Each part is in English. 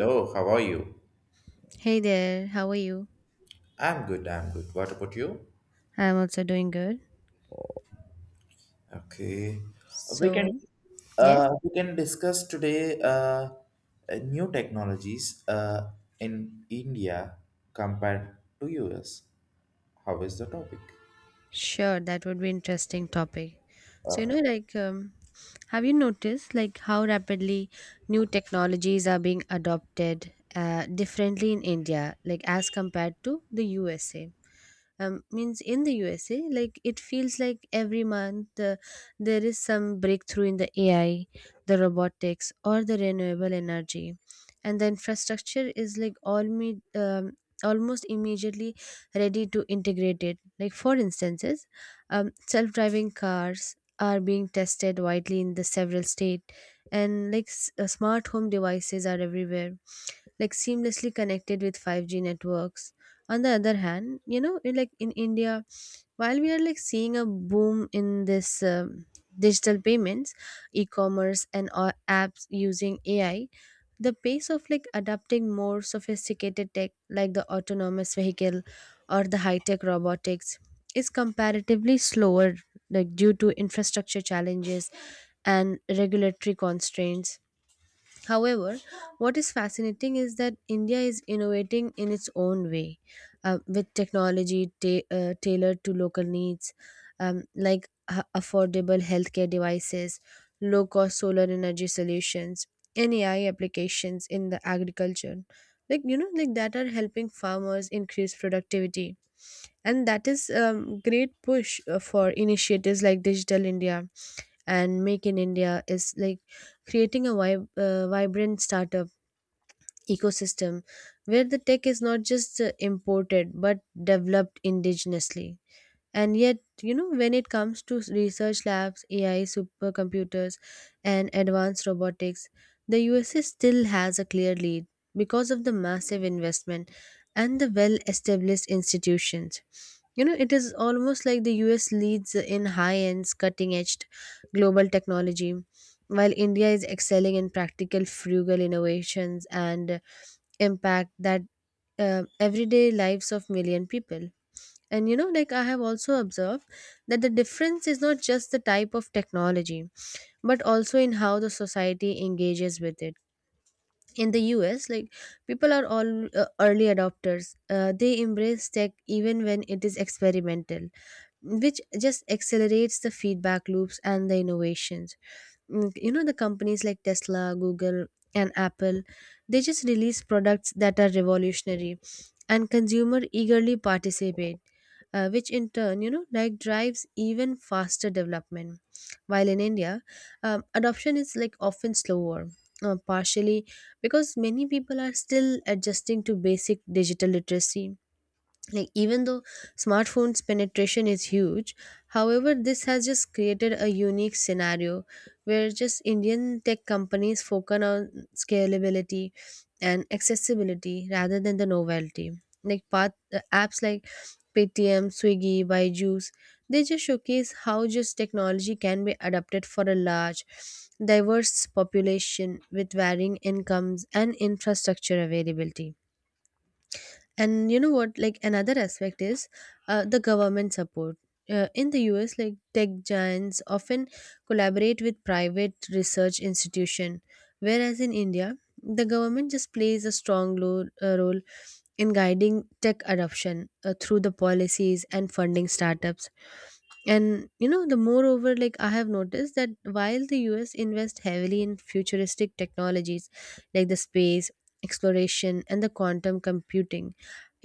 Hello, how are you? Hey there, how are you? I'm good, I'm good. What about you? I'm also doing good. Okay. We can So, yes, we can discuss today new technologies in India compared to US. How is the topic? sure, that would be interesting topic. So, you know, like, um, have you noticed like how rapidly new technologies are being adopted differently in India, like as compared to the USA? Means in the USA, like it feels like every month there is some breakthrough in the AI, the robotics, or the renewable energy, and the infrastructure is like all me. Almost immediately ready to integrate it like for instances, self-driving cars are being tested widely in the several state, and like smart home devices are everywhere, like seamlessly connected with 5G networks. On the other hand, in like in India, while we are like seeing a boom in this, digital payments, e-commerce, and apps using AI, the pace of like adopting more sophisticated tech like the autonomous vehicle or the high-tech robotics is comparatively slower, like due to infrastructure challenges and regulatory constraints. However, what is fascinating is that India is innovating in its own way, with technology tailored to local needs, like affordable healthcare devices, low cost solar energy solutions, and AI applications in the agriculture. That are helping farmers increase productivity, and that is a great push for initiatives like Digital India, and Make in India is like creating a vibrant startup ecosystem where the tech is not just imported but developed indigenously. And yet, when it comes to research labs, AI supercomputers, and advanced robotics, the USA still has a clear lead because of the massive investment and the well established institutions. It is almost like the US leads in high end, cutting edge global technology, while India is excelling in practical, frugal innovations and impact that everyday lives of million people. And like I have also observed that the difference is not just the type of technology, but also in how the society engages with it. In the US, like people are all early adopters, they embrace tech even when it is experimental, which just accelerates the feedback loops and the innovations. The companies like Tesla, Google, and Apple, they just release products that are revolutionary, and consumer eagerly participate, which in turn like drives even faster development. While in India, adoption is like often slower, partially because many people are still adjusting to basic digital literacy, like even though smartphones penetration is huge. However, this has just created a unique scenario where just Indian tech companies focus on scalability and accessibility rather than the novelty, like path, apps like Paytm, Swiggy, Byju's, they just showcase how just technology can be adapted for a large diverse population with varying incomes and infrastructure availability. And you know what like another aspect is the government support. In the US, like tech giants often collaborate with private research institution, whereas in India, the government just plays a strong role in guiding tech adoption through the policies and funding startups. And you know the moreover, like I have noticed that while the US invest heavily in futuristic technologies like the space exploration and the quantum computing,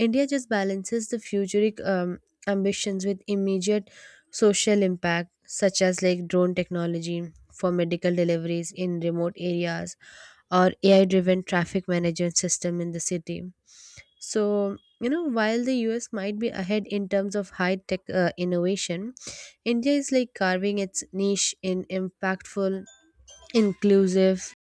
India just balances the futuric ambitions with immediate social impact such as like drone technology for medical deliveries in remote areas or AI driven traffic management system in the city. So while the US might be ahead in terms of high tech innovation, India is like carving its niche in impactful, inclusive,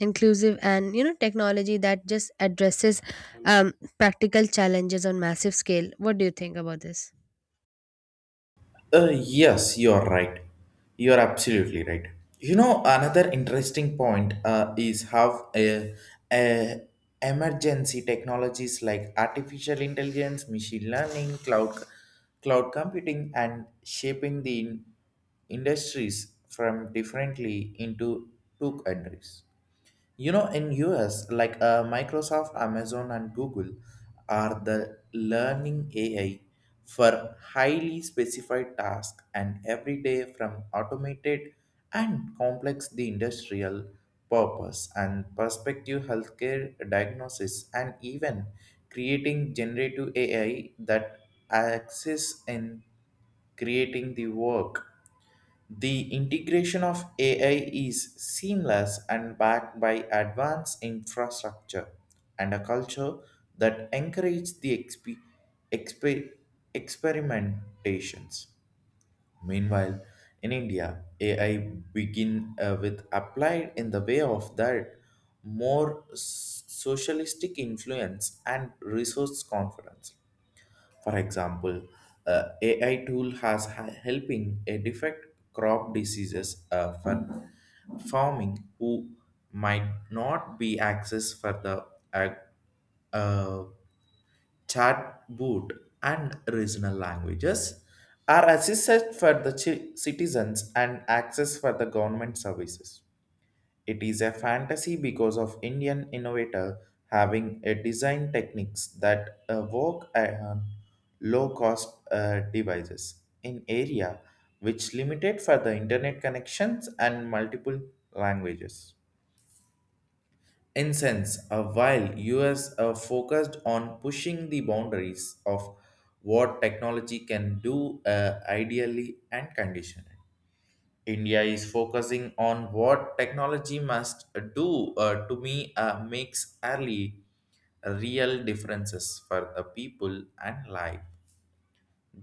inclusive, and you know technology that just addresses practical challenges on massive scale. What do you think about this? Yes, you're right. You're absolutely right. You know, another interesting point is how uh, emergency technologies like artificial intelligence, machine learning, cloud computing, and shaping the industries from differently into two countries. You know, in US, like Microsoft, Amazon, and Google are the learning AI for highly specified tasks and every day from automated and complex the industrial purpose and perspective healthcare diagnosis and even creating generative AI that acts in creating the work the integration of AI is seamless and backed by advanced infrastructure and a culture that encourages the exp- experimentations. Meanwhile, in India, AI begin with applied in the way of that more socialistic influence and resource confidence for example, AI tool has helping a defect crop diseases for farming who might not be access for the uh, uh, chat boot and regional languages are assisted for the citizens and access for the government services. It is a fantasy because of Indian innovator having a design techniques that work on low cost devices in area which limited for the internet connections and multiple languages. In sense, while US are focused on pushing the boundaries of what technology can do ideally and conditionally. India is focusing on what technology must do to me makes early real differences for the people and life.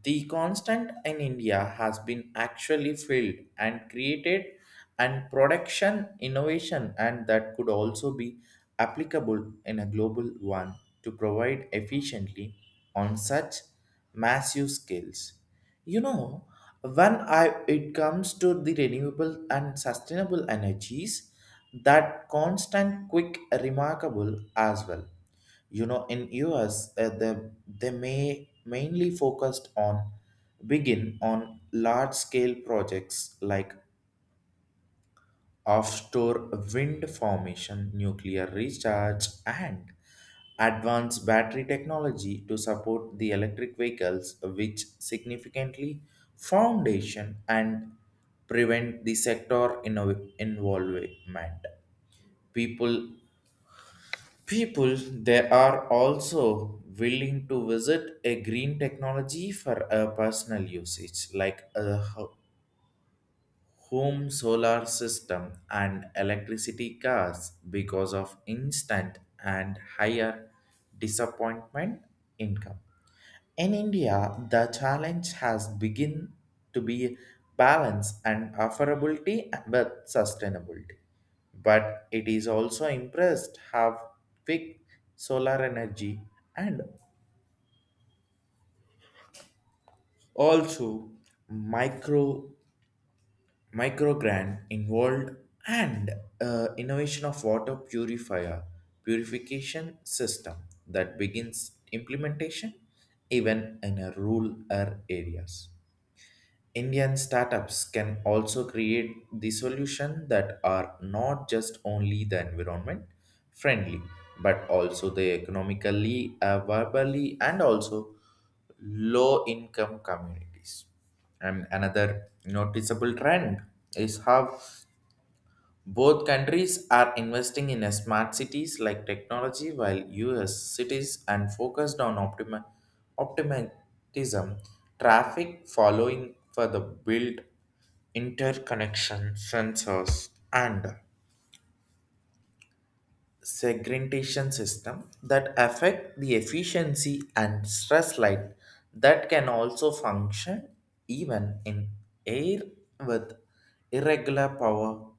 The constant in India has been actually filled and created and production innovation and that could also be applicable in a global one to provide efficiently on such massive scales. You know, when I it comes to the renewable and sustainable energies, that constant quick remarkable as well. You know, in us the, they may mainly focused on begin on large scale projects like offshore wind formation nuclear recharge and advanced battery technology to support the electric vehicles which significantly foundation and prevent the sector involvement. People people they are also willing to visit a green technology for a personal usage like a home solar system and electricity cars because of instant and higher disappointment income. In India, the challenge has begun to be balance and affordability with sustainability. But it is also impressed how quick solar energy and also micro microgrant involved and innovation of water purifier purification system that begins implementation even in a rural areas. Indian startups can also create the solution that are not just only the environment friendly, but also the economically, verbally, and also low income communities. And another noticeable trend is how both countries are investing in a smart cities like technology while US cities are focused on optimism traffic following for the build interconnection sensors and segmentation system that affect the efficiency and stress light that can also function even in air with irregular power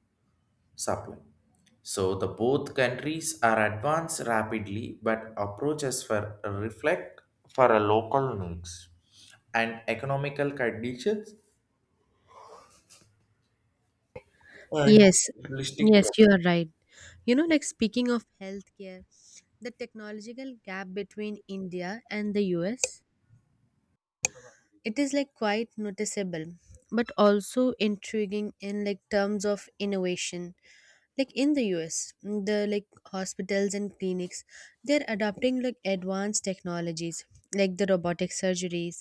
supply. So the both countries are advanced rapidly but approaches for reflect for a local needs and economical conditions and Yes, holistic. yes, you are right. You know, like speaking of healthcare, the technological gap between India and the US, it is like quite noticeable, but also intriguing in like terms of innovation. Like in the US, mm, the like hospitals and clinics, they're adopting like advanced technologies like the robotic surgeries,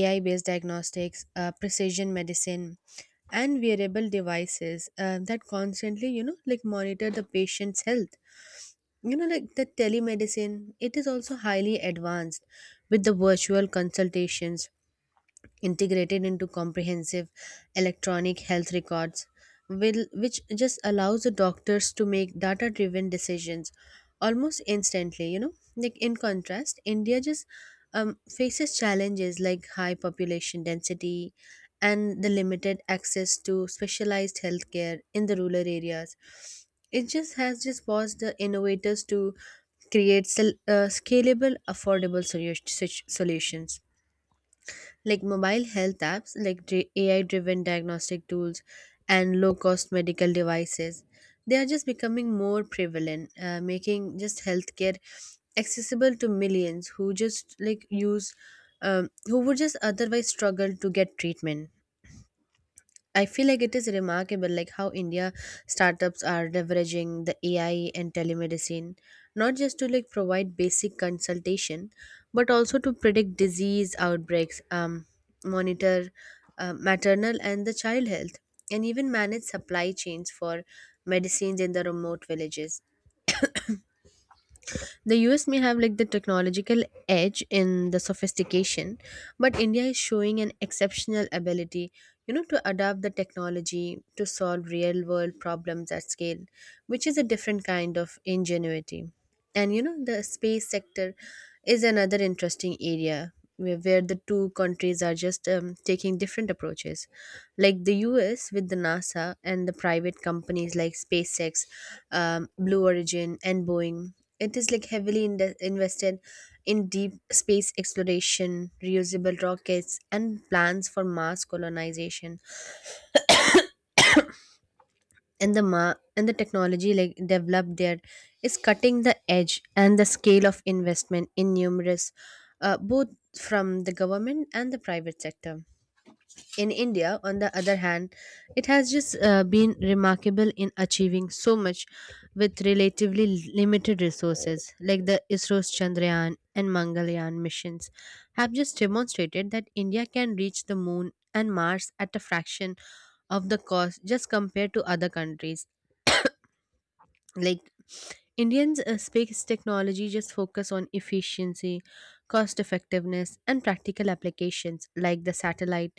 AI-based diagnostics, precision medicine, and wearable devices that constantly, like monitor the patient's health. You know, like the telemedicine, it is also highly advanced with the virtual consultations integrated into comprehensive electronic health records will, which just allows the doctors to make data driven decisions almost instantly. Like in contrast, India just faces challenges like high population density and the limited access to specialized healthcare in the rural areas. It just has just forced the innovators to create scalable affordable such solutions like mobile health apps, like AI driven diagnostic tools, and low cost medical devices, they are just becoming more prevalent, making just healthcare accessible to millions who just like use, who would just otherwise struggle to get treatment. I feel like it is remarkable like how India startups are leveraging the AI and telemedicine, not just to like provide basic consultation but also to predict disease outbreaks, monitor maternal and the child health, and even manage supply chains for medicines in the remote villages. The US may have like the technological edge in the sophistication, but India is showing an exceptional ability, to adapt the technology to solve real world problems at scale, which is a different kind of ingenuity. And you know the space sector is another interesting area where the two countries are just taking different approaches, like the US with the NASA and the private companies like SpaceX, Blue Origin, and Boeing. It is like heavily invested in deep space exploration, reusable rockets, and plans for Mars colonization, and the technology like developed there is cutting the edge, and the scale of investment in numerous both from the government and the private sector. In India, on the other hand, it has just been remarkable in achieving so much with relatively limited resources, like the ISRO's Chandrayaan and Mangalyaan missions have just demonstrated that India can reach the moon and Mars at a fraction of the cost just compared to other countries. Like Indians space technology just focus on efficiency, cost effectiveness, and practical applications like the satellite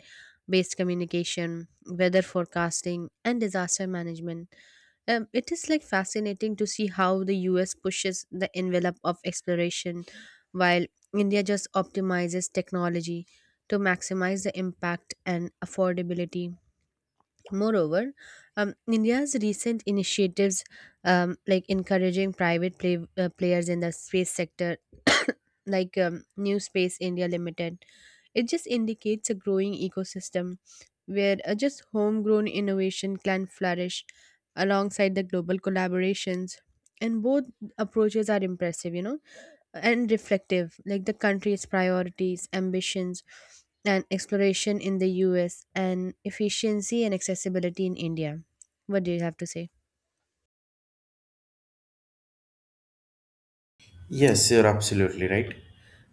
based communication, weather forecasting, and disaster management. It is like fascinating to see how the US pushes the envelope of exploration while India just optimizes technology to maximize the impact and affordability. Moreover, India's recent initiatives, like encouraging players in the space sector, like New Space India Limited, it just indicates a growing ecosystem where just homegrown innovation can flourish alongside the global collaborations. And both approaches are impressive, and reflective, like the country's priorities, ambitions, and exploration in the US, and efficiency and accessibility in India. What do you have to say? Yes, you're absolutely right.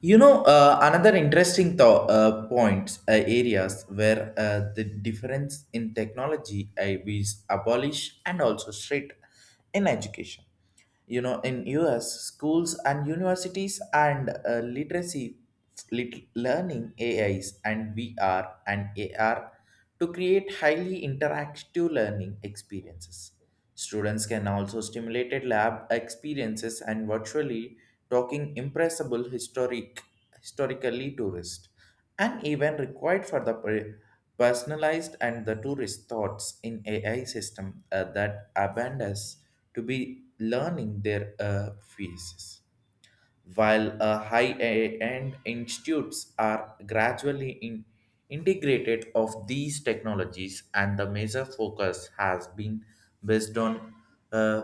You know, another interesting points areas where the difference in technology is abolished and also straight in education. You know, in US schools and universities and literacy learning AIs and VR and AR to create highly interactive learning experiences. Students can also stimulate lab experiences and virtually talking impressible historically tourist and even required for the personalized and the tourist thoughts in AI system that abandons to be learning their phases while high-end institutes are gradually integrated of these technologies and the major focus has been based on uh,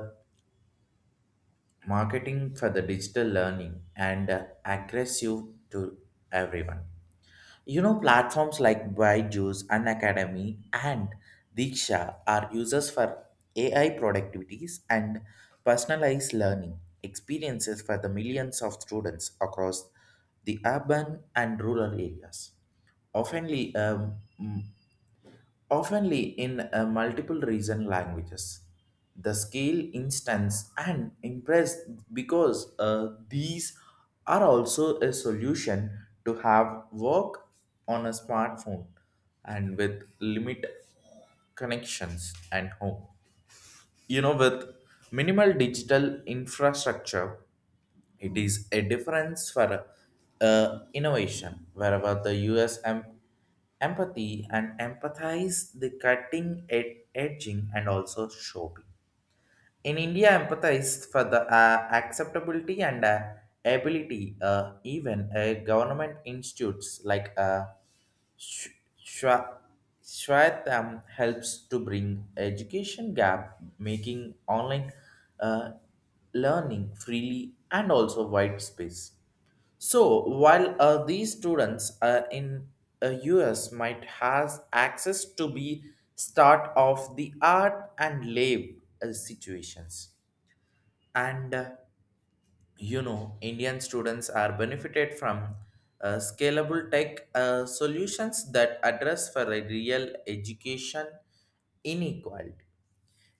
marketing for the digital learning and aggressive to everyone. You know, platforms like Byju's, Academy and Diksha are users for AI productivities and personalized learning experiences for the millions of students across the urban and rural areas oftenly oftenly in a multiple region languages. The scale instance and impress because these are also a solution to have work on a smartphone and with limit connections and home. You know, with minimal digital infrastructure it is a difference for innovation, wherever the US empathy and empathize the cutting, edging, and also shopping. In India, empathize for the acceptability and ability, even government institutes like Sh- Shwa- Shwatam helps to bring education gap, making online uh, learning freely and also wide space. So while these students in US might has access to be start of the art and live situations and you know Indian students are benefited from scalable tech solutions that address for a real education inequality.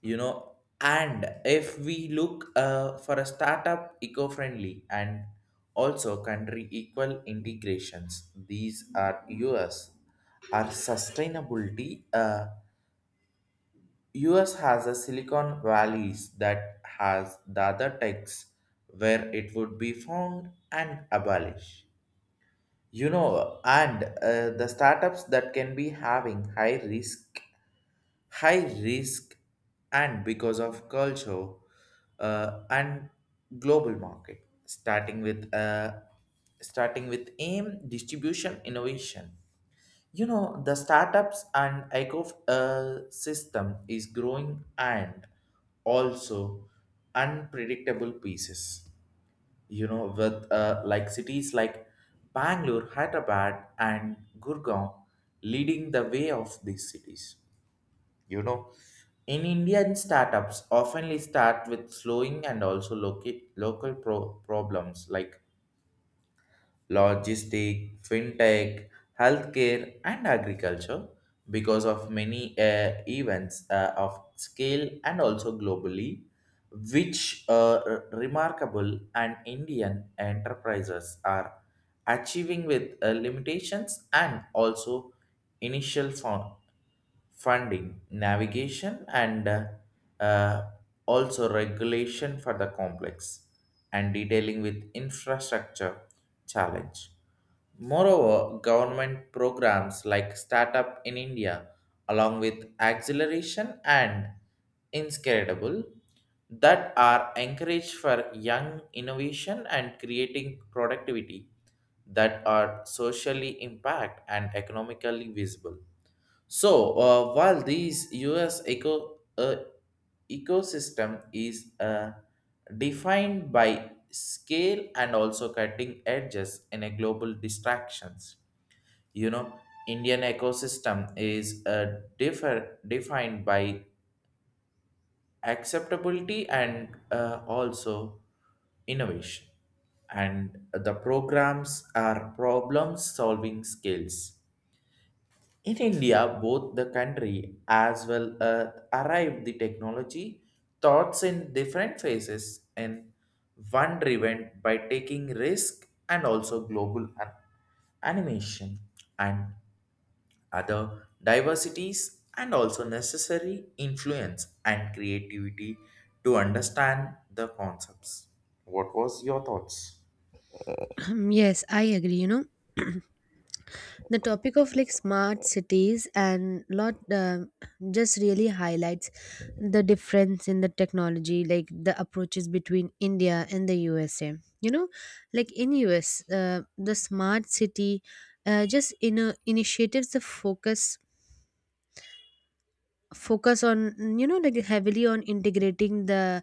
You know, and if we look for a startup eco-friendly and also country equal integrations these are us are sustainability us has a silicon valleys that has the other techs where it would be found and abolish. You know, and the startups that can be having high risk and because of culture and global market starting with aim distribution innovation. You know, the startups and ecosystem is growing and also unpredictable pieces. You know, with like cities like Bangalore, Hyderabad and Gurgaon leading the way of these cities. You know, in Indian startups often start with slowing and also local problems like logistic, fintech, healthcare, and agriculture because of many events of scale and also globally which remarkable and Indian enterprises are achieving with limitations and also initial fund, funding, navigation, and uh, also regulation for the complex and detailing with infrastructure challenge. Moreover, government programs like Startup in India, along with Acceleration and Inscredible, that are encouraged for young innovation and creating productivity that are socially impact and economically visible. So, while these US ecosystem is defined by scale and also cutting edges in a global distractions, you know, Indian ecosystem is defined by acceptability and also innovation and the programs are problem solving skills in India, both the country as well as arrived the technology thoughts in different phases and one driven by taking risk and also global animation and other diversities and also necessary influence and creativity to understand the concepts. What was your thoughts? Yes, I agree. The topic of like smart cities and lot just really highlights the difference in the technology, like the approaches between India and the USA. You know, like in US, the smart city just in initiatives the focus on mm, like heavily on integrating the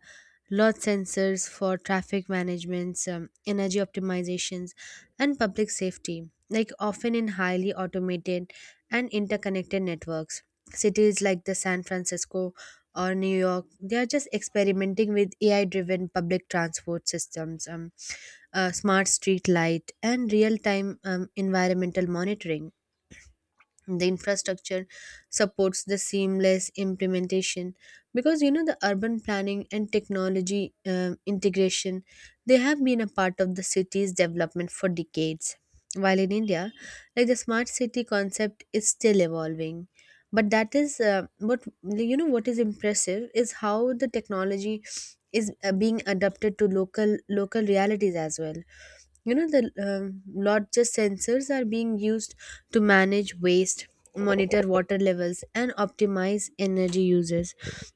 lot sensors for traffic managements, energy optimizations, and public safety, like often in highly automated and interconnected networks. Cities like the San Francisco or New York, they are just experimenting with AI driven public transport systems, smart street light, and real time environmental monitoring. The infrastructure supports the seamless implementation, because the urban planning and technology integration, they have been a part of the city's development for decades. While in India, like the smart city concept is still evolving, but that is what, what is impressive is how the technology is being adapted to local realities as well. You know the Lot just sensors are being used to manage waste, monitor water levels, and optimize energy uses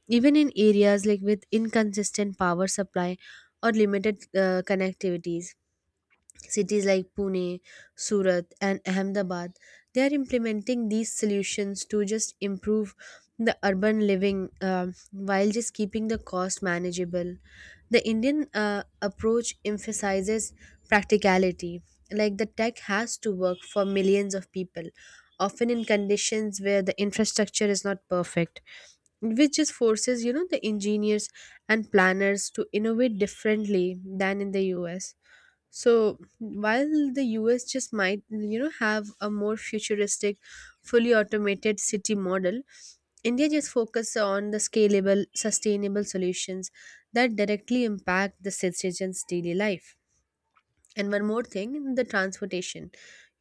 even in areas like with inconsistent power supply or limited connectivities. Cities like Pune, Surat, and Ahmedabad, they are implementing these solutions to just improve the urban living, while just keeping the cost manageable. The Indian approach emphasizes practicality, like the tech has to work for millions of people, often in conditions where the infrastructure is not perfect, which just forces the engineers and planners to innovate differently than in the US. So while the US just might, have a more futuristic, fully automated city model, India just focuses on the scalable, sustainable solutions that directly impact the citizens' daily life. And one more thing, the transportation.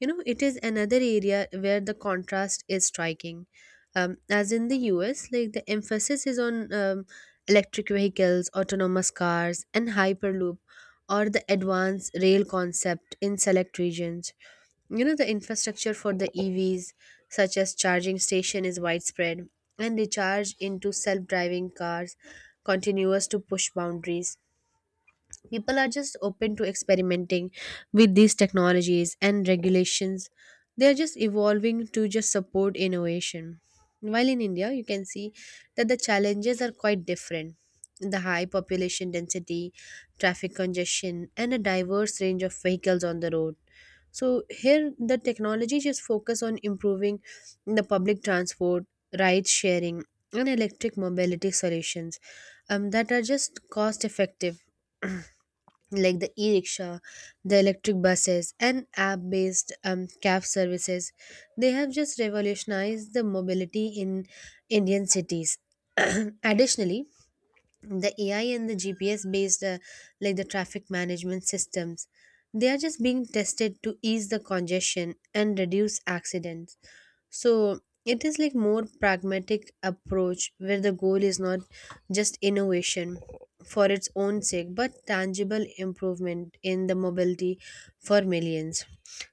You know, it is another area where the contrast is striking. As in the US, like the emphasis is on electric vehicles, autonomous cars, and Hyperloop, or the advanced rail concept in select regions. You know, the infrastructure for the EVs, such as charging station, is widespread, and they charge into self-driving cars, continuous to push boundaries. People are just open to experimenting with these technologies, and regulations they are just evolving to just support innovation. While in India, you can see that the challenges are quite different: the high population density, traffic congestion, and a diverse range of vehicles on the road. So here the technology just focus on improving the public transport, ride sharing, and electric mobility solutions, that are just cost effective. Like the e-rickshaw, the electric buses, and app-based cab services, they have just revolutionized the mobility in Indian cities. Additionally, the AI and the GPS based like the traffic management systems, they are just being tested to ease the congestion and reduce accidents. So it is like more pragmatic approach where the goal is not just innovation for its own sake, but tangible improvement in the mobility for millions.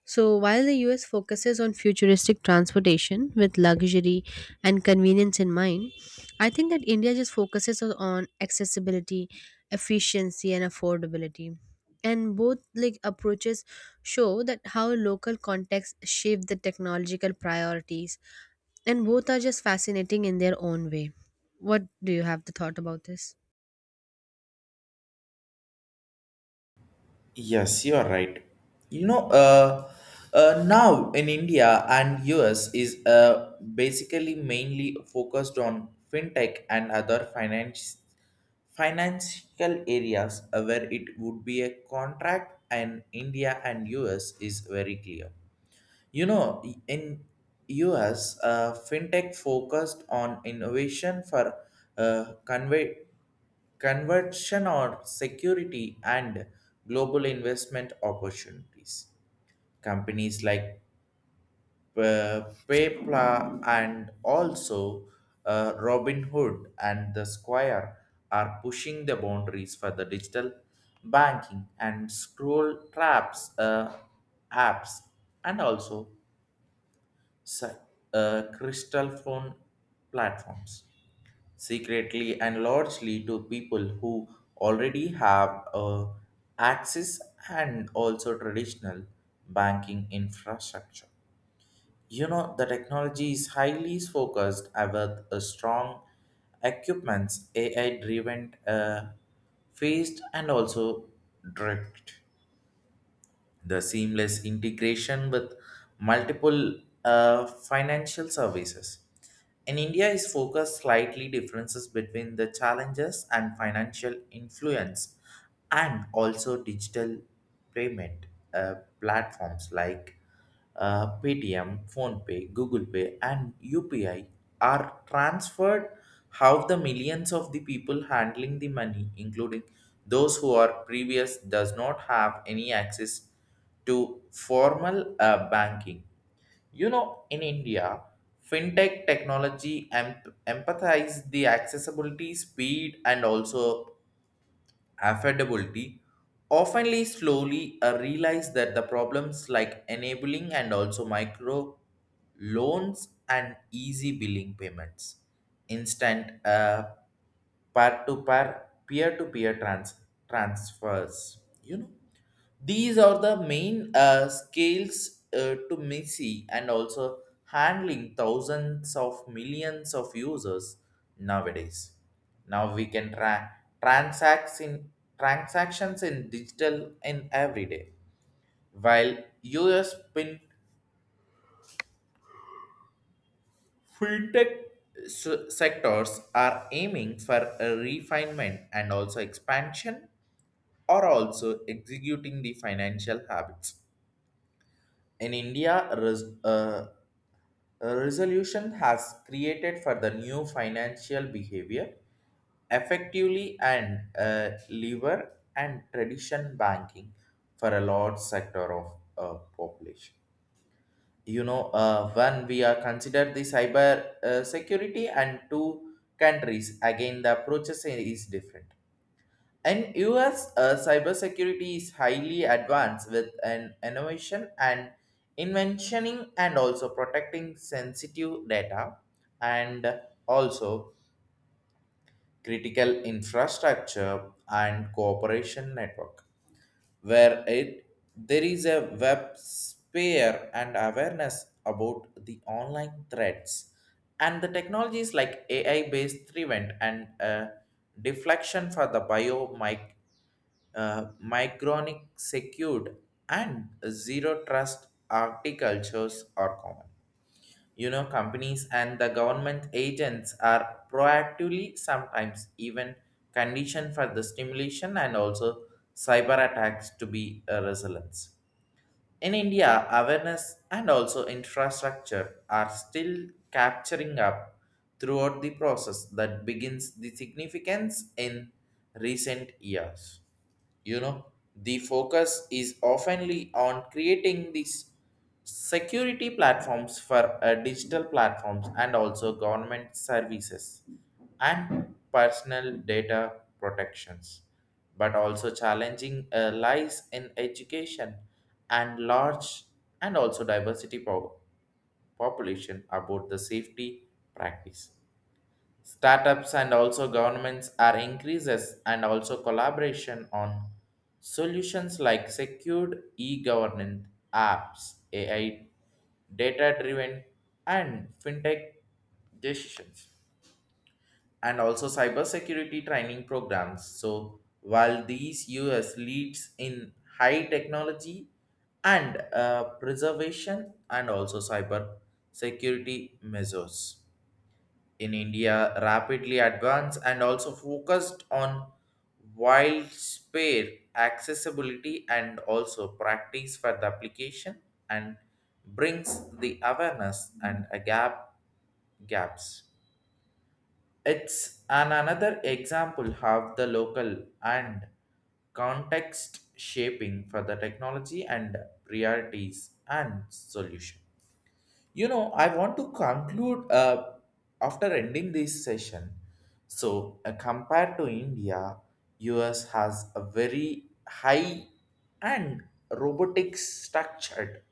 So while the US focuses on futuristic transportation with luxury and convenience in mind, I think that India just focuses on accessibility, efficiency, and affordability. And both like approaches show that how local contexts shape the technological priorities, and both are just fascinating in their own way. What do you have the thought about this? Yes, you are right. You know, now in India and US is basically mainly focused on fintech and other finance financial areas where it would be a contract and India and US is very clear. You know, in US, fintech focused on innovation for uh, conve- conversion or security and global investment opportunities. Companies like uh, PayPal and also Robinhood and the Square are pushing the boundaries for the digital banking and scroll traps apps and also si- crystal phone platforms secretly and largely to people who already have access and also traditional banking infrastructure. You know, the technology is highly focused with a strong equipments, AI driven, phased, and also direct the seamless integration with multiple financial services. In India, is focused slightly differences between the challenges and financial influence, and also digital payment platforms like Paytm, PhonePe, Google Pay, and UPI are transferred. How the millions of the people handling the money, including those who are previous, does not have any access to formal banking. You know, in India, fintech technology empathize the accessibility, speed, and also affordability, oftenly slowly realize that the problems like enabling and also micro loans and easy billing payments, instant pair to pair peer to peer transfers. You know, these are the main scales to Missy and also handling thousands of millions of users nowadays. Now we can tra- transacts in transactions in digital in every day, while US fintech s- sectors are aiming for a refinement and also expansion or also executing the financial habits. In India, a resolution has created for the new financial behavior effectively and lever and tradition banking for a large sector of population. You know, when we are considered the cyber security and two countries again the approaches is different. In US, cybersecurity is highly advanced with an innovation and inventioning and also protecting sensitive data and also critical infrastructure and cooperation network where it there is a web sphere and awareness about the online threats and the technologies like AI based prevent and deflection for the bio mic micronic secured and zero trust architectures are common. You know, companies and the government agents are proactively sometimes even conditioned for the stimulation and also cyber attacks to be a resilience. In india awareness and also infrastructure are still capturing up throughout the process that begins the significance in recent years. You know, the focus is oftenly on creating these security platforms for digital platforms and also government services and personal data protections but also challenging lies in education and large and also diversity population about the safety practice. Startups and also governments are increases and also collaboration on solutions like secured e-governance apps, AI, data-driven and fintech decisions and also cybersecurity training programs. So while these US leads in high technology and preservation and also cyber security measures in India rapidly advanced and also focused on wild spare accessibility and also practice for the application and brings the awareness and a gaps. It's an another example how the local and context shaping for the technology and priorities and solution. You know, I want to conclude after ending this session. So, compared to India, US has a very high and robotic structured,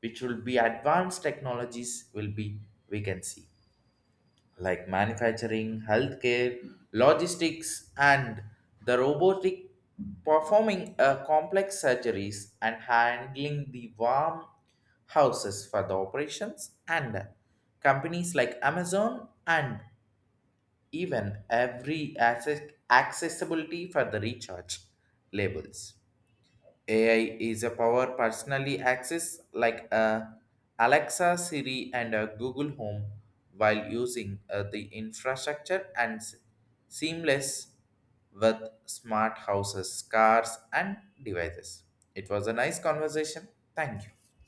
which will be advanced technologies will be we can see like manufacturing, healthcare, logistics, and the robotic performing complex surgeries and handling the warm houses for the operations and companies like Amazon and even every accessibility for the recharge labels. AI is a power personally access like Alexa, Siri, and Google Home while using the infrastructure and seamless with smart houses, cars, and devices. It was a nice conversation. Thank you.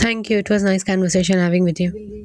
Thank you, it was nice conversation having with you.